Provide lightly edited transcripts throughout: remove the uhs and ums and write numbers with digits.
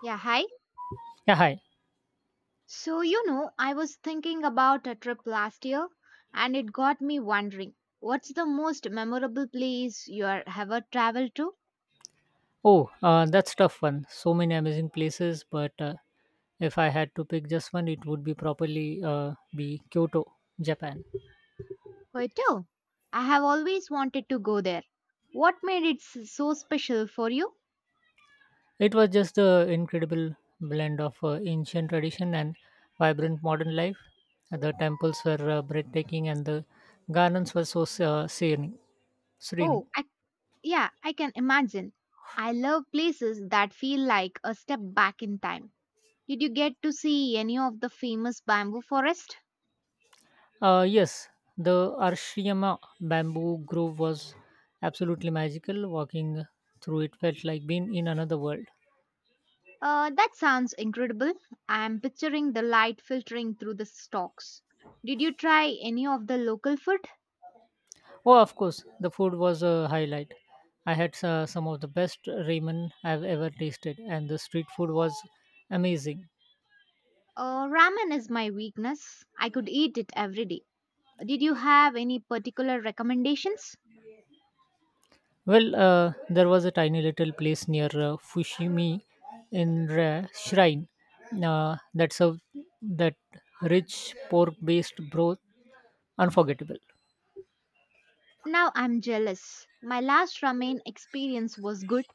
Yeah, hi. Yeah, hi. So, I was thinking about a trip last year, and it got me wondering, what's the most memorable place you are ever traveled to? Oh, that's tough one. So many amazing places, but if I had to pick just one, it would be properly be Kyoto, Japan. Kyoto. I have always wanted to go there. What made it so special for you? It was just the incredible blend of ancient tradition and vibrant modern life. The temples were breathtaking, and the gardens were so serene. Oh, serene. I, yeah, I can imagine. I love places that feel like a step back in time. Did you get to see any of the famous bamboo forest? Yes, the Arashiyama bamboo grove was absolutely magical. Walking through it felt like being in another world. That sounds incredible. I'm picturing the light filtering through the stalks. Did you try any of the local food? Oh, of course, the food was a highlight. I had some of the best ramen I've ever tasted, and the street food was amazing. Ramen is my weakness. I could eat it every day. Did you have any particular recommendations? Well, there was a tiny little place near Shrine, that served that rich pork based broth, unforgettable. Now I'm jealous. My last ramen experience was good,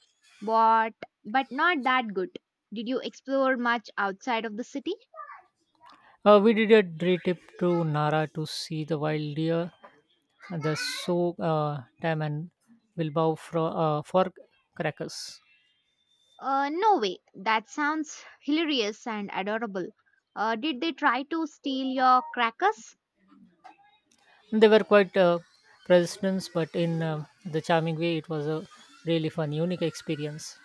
but not that good. Did you explore much outside of the city? We did a day trip to Nara to see the wild deer, the so tam, and for crackers. No way. That sounds hilarious and adorable. Did they try to steal your crackers? They were quite persistence, but in the charming way, it was a really fun, unique experience.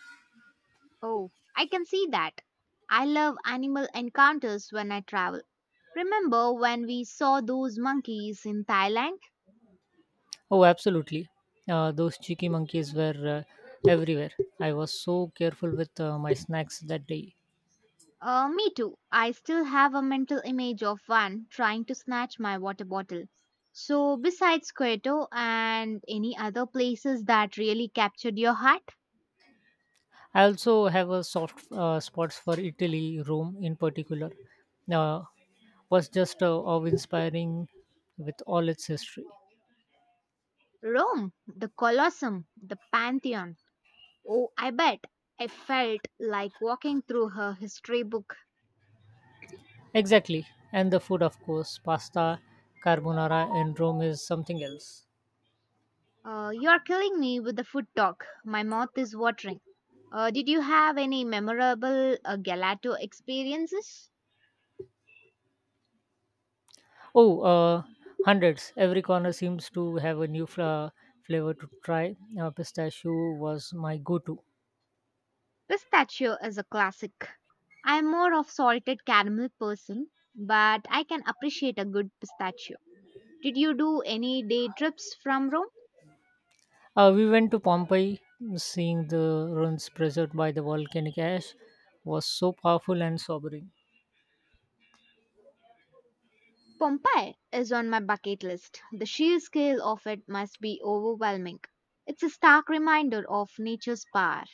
Oh, I can see that. I love animal encounters when I travel. Remember when we saw those monkeys in Thailand? Oh, absolutely. Those cheeky monkeys were everywhere. I was so careful with my snacks that day. Me too. I still have a mental image of one trying to snatch my water bottle. So, besides Kyoto and any other places that really captured your heart? I also have a soft spots for Italy, Rome in particular. Uh, was just awe-inspiring with all its history. Rome, the Colosseum, the Pantheon. Oh, I bet I felt like walking through her history book. Exactly, and the food, of course, pasta, carbonara, in Rome is something else. You're killing me with the food talk. My mouth is watering. Did you have any memorable gelato experiences? Oh, hundreds. Every corner seems to have a new flavor to try. Pistachio was my go to. Pistachio is a classic. I'm more of salted caramel person, but I can appreciate a good pistachio. Did you do any day trips from Rome? We went to Pompeii, seeing the ruins preserved by the volcanic ash was so powerful and sobering. Pompeii is on my bucket list. The sheer scale of it must be overwhelming. It's a stark reminder of nature's power.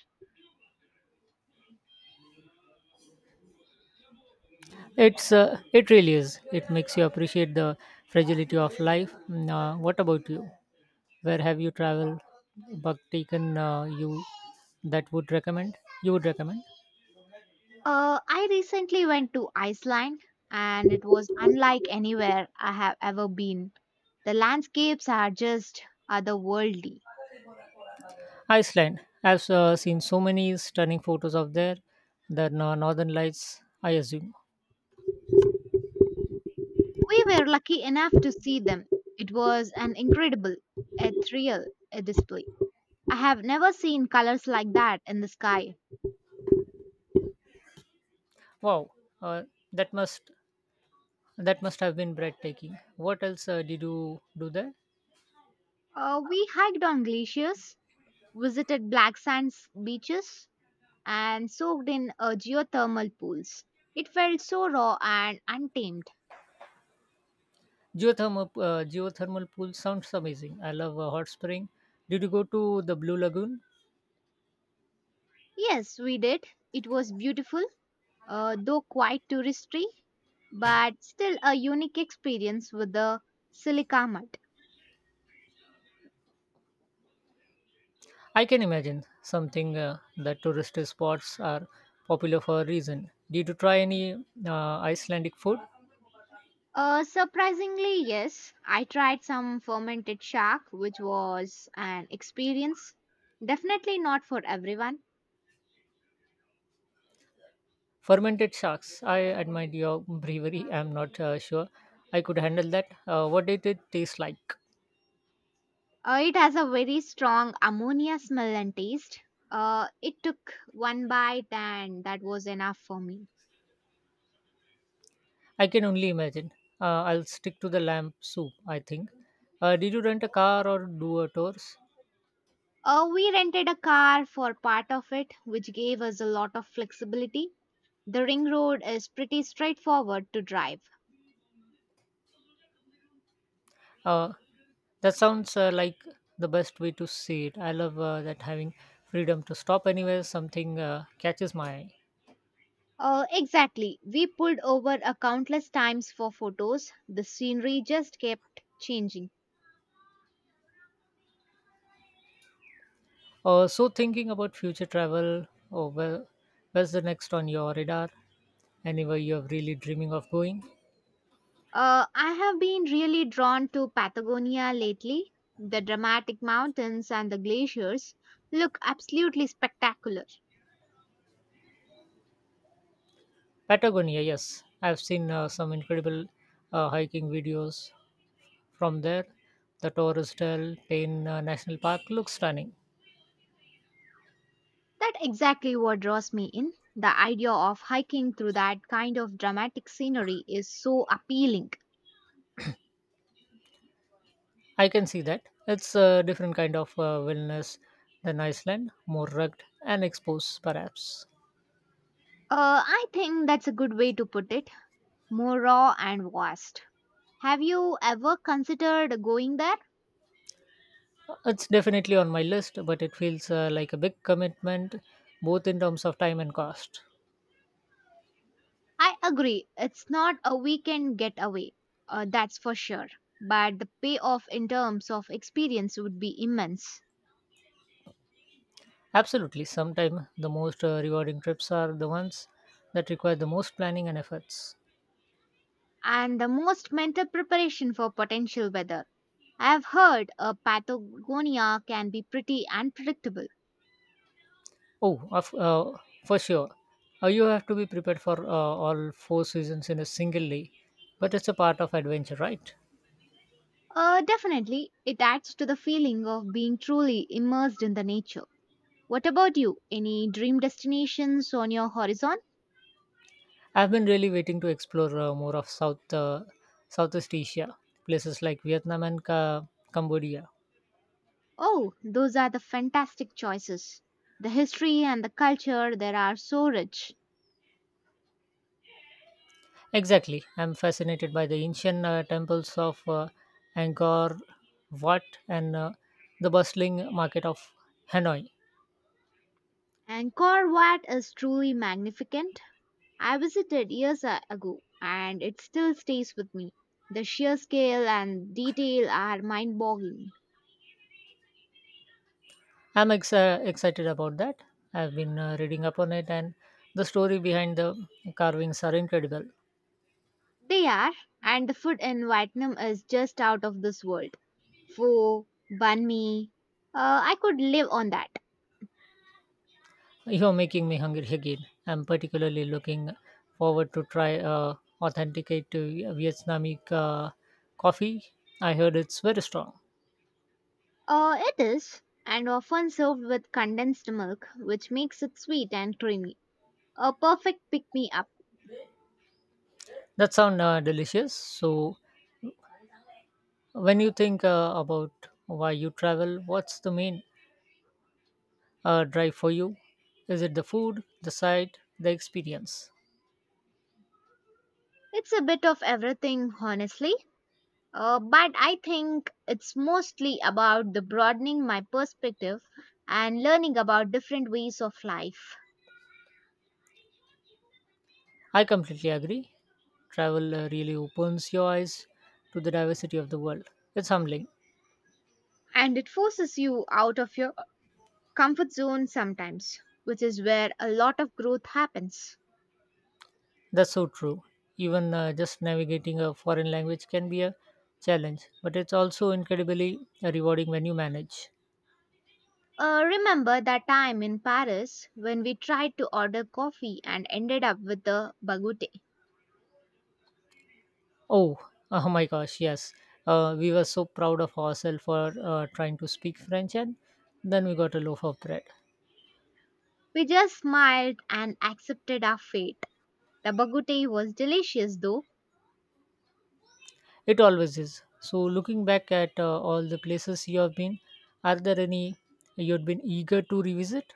It really is. It makes you appreciate the fragility of life. Mm, what about you? Where have you traveled, but taken you that would recommend? You would recommend? I recently went to Iceland, and it was unlike anywhere I have ever been. The landscapes are just otherworldly. Iceland. I've seen so many stunning photos of there, the northern lights, I assume. We were lucky enough to see them. It was an incredible, ethereal thrill, display. I have never seen colors like that in the sky. Wow, uh, that must that must have been breathtaking. What else did you do there? We hiked on glaciers, visited black sands beaches, and soaked in geothermal pools. It felt so raw and untamed. Geothermal pool sounds amazing. I love a hot spring. Did you go to the Blue Lagoon? Yes, we did. It was beautiful, though quite touristy, but still a unique experience with the silica mud. I can imagine something, that tourist spots are popular for a reason. Did you try any Icelandic food? Surprisingly, yes, I tried some fermented shark, which was an experience. Definitely not for everyone. Fermented sharks. I admired your bravery. I'm not sure I could handle that. What did it taste like? It has a very strong ammonia smell and taste. It took one bite, and that was enough for me. I can only imagine. I'll stick to the lamb soup, I think. Did you rent a car or do a tours? We rented a car for part of it, which gave us a lot of flexibility. The ring road is pretty straightforward to drive. Uh, that sounds like the best way to see it. I love that having freedom to stop anywhere something catches my eye. Exactly. We pulled over a countless times for photos. The scenery just kept changing. So, thinking about future travel, oh, well, where's the next on your radar? Anywhere you're really dreaming of going? I have been really drawn to Patagonia lately. The dramatic mountains and the glaciers look absolutely spectacular. Patagonia, yes. I've seen some incredible hiking videos from there. The Torres del Paine National Park looks stunning. That's exactly what draws me in. The idea of hiking through that kind of dramatic scenery is so appealing. I can see that. It's a different kind of wellness than Iceland, more rugged and exposed, perhaps. I think that's a good way to put it. More raw and vast. Have you ever considered going there? It's definitely on my list, but it feels like a big commitment, both in terms of time and cost. I agree, it's not a weekend getaway, that's for sure. But the payoff in terms of experience would be immense. Absolutely, sometimes the most rewarding trips are the ones that require the most planning and efforts. And the most mental preparation for potential weather. I've heard Patagonia can be pretty unpredictable. Oh, for sure. You have to be prepared for all four seasons in a single day, but it's a part of adventure, right? Definitely, it adds to the feeling of being truly immersed in the nature. What about you? Any dream destinations on your horizon? I've been really waiting to explore more of Southeast Asia, places like Vietnam and Cambodia. Oh, those are the fantastic choices. The history and the culture there are so rich. Exactly. I'm fascinated by the ancient temples of Angkor Wat and, the bustling market of Hanoi. Angkor Wat is truly magnificent. I visited years ago, and it still stays with me. The sheer scale and detail are mind boggling. Excited about that. I've been reading up on it, and the story behind the carvings are incredible. They are, and the food in Vietnam is just out of this world. Pho, banh mi, I could live on that. You're making me hungry again. I'm particularly looking forward to try authenticate to Vietnamese coffee. I heard it's very strong. It is, and often served with condensed milk, which makes it sweet and creamy. A perfect pick me up. That sounds delicious. So, when you think about why you travel, what's the main drive for you? Is it the food, the sight, the experience? It's a bit of everything, honestly. But I think it's mostly about the broadening my perspective and learning about different ways of life. I completely agree. Travel really opens your eyes to the diversity of the world. It's humbling. And it forces you out of your comfort zone sometimes, which is where a lot of growth happens. That's so true. Even just navigating a foreign language can be a challenge, but it's also incredibly rewarding when you manage. Remember that time in Paris when we tried to order coffee and ended up with the baguette? Oh, oh my gosh, yes. We were so proud of ourselves for trying to speak French, and then we got a loaf of bread. We just smiled and accepted our fate. The baguette was delicious though. It always is. So, looking back at all the places you have been, are there any you'd been eager to revisit?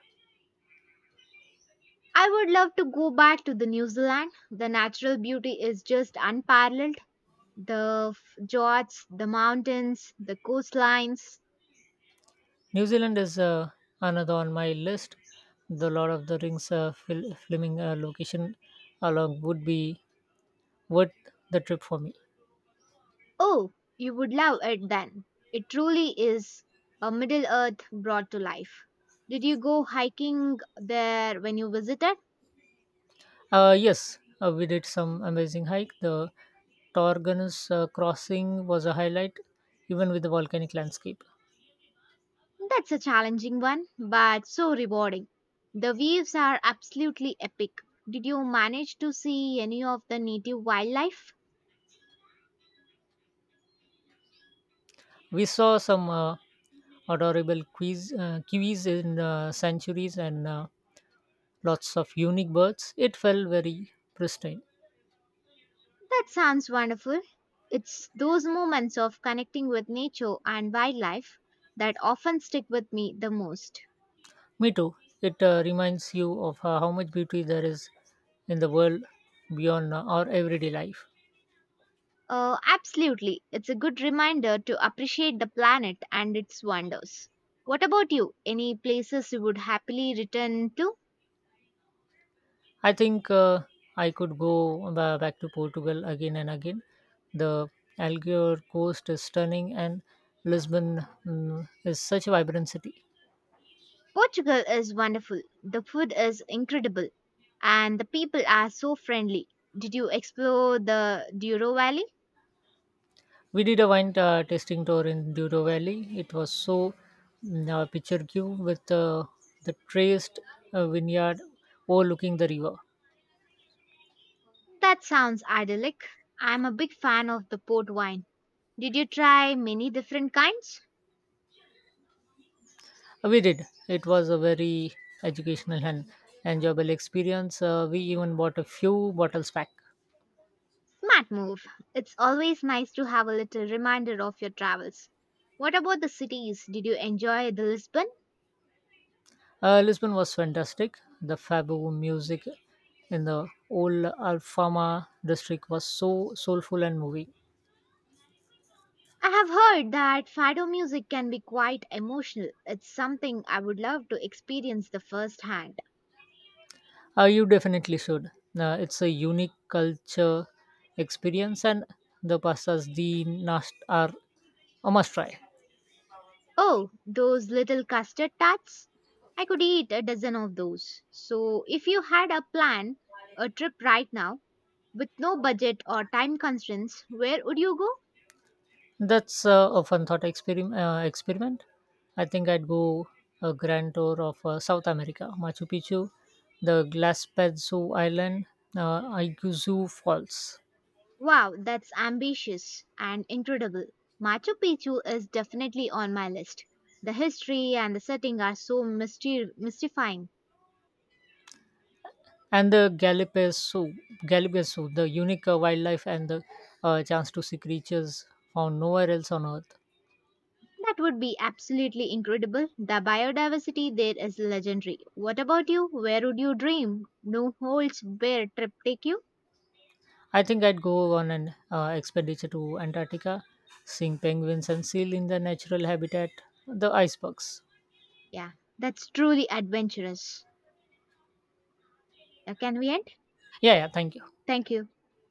I would love to go back to the New Zealand. The natural beauty is just unparalleled. The fjords, the mountains, the coastlines. New Zealand is another on my list. The Lord of the Rings filming location along would be worth the trip for me. Oh, you would love it then. It truly is a Middle Earth brought to life. Did you go hiking there when you visited? Yes, we did some amazing hike. The Torganus crossing was a highlight, even with the volcanic landscape. That's a challenging one, but so rewarding. The waves are absolutely epic. Did you manage to see any of the native wildlife? We saw some adorable kiwis in sanctuaries and lots of unique birds. It felt very pristine. That sounds wonderful. It's those moments of connecting with nature and wildlife that often stick with me the most. Me too. It reminds you of how much beauty there is in the world beyond our everyday life. Absolutely. It's a good reminder to appreciate the planet and its wonders. What about you? Any places you would happily return to? I think I could go back to Portugal again and again. The Algarve coast is stunning, and Lisbon, is such a vibrant city. Portugal is wonderful. The food is incredible and the people are so friendly. Did you explore the Douro Valley? We did a wine tasting tour in Douro Valley. It was so picturesque with the traced vineyard overlooking the river. That sounds idyllic. I'm a big fan of the port wine. Did you try many different kinds? We did. It was a very educational and enjoyable experience. We even bought a few bottles back. Smart move. It's always nice to have a little reminder of your travels. What about the cities? Did you enjoy the Lisbon? Lisbon was fantastic. The Fabo music in the old Alfama district was so soulful and moving. I have heard that fado music can be quite emotional. It's something I would love to experience the first hand. You definitely should. It's a unique culture experience, and the pastas the nast are a must try. Oh, those little custard tarts? I could eat a dozen of those. So, if you had a plan, a trip right now, with no budget or time constraints, where would you go? That's a fun thought experiment. I think I'd go a grand tour of South America, Machu Picchu, the Glaspezzo Island, Iguazu Falls, Wow, that's ambitious and incredible. Machu Picchu is definitely on my list. The history and the setting are so mystifying. and the Galapagos, the unique wildlife and the chance to see creatures found nowhere else on Earth. That would be absolutely incredible. The biodiversity there is legendary. What about you? Where would you dream? No holds bear trip take you? I think I'd go on an expedition to Antarctica, seeing penguins and seal in their natural habitat, the icebergs. Yeah, that's truly adventurous. Can we end? Yeah, yeah. Thank you. Thank you.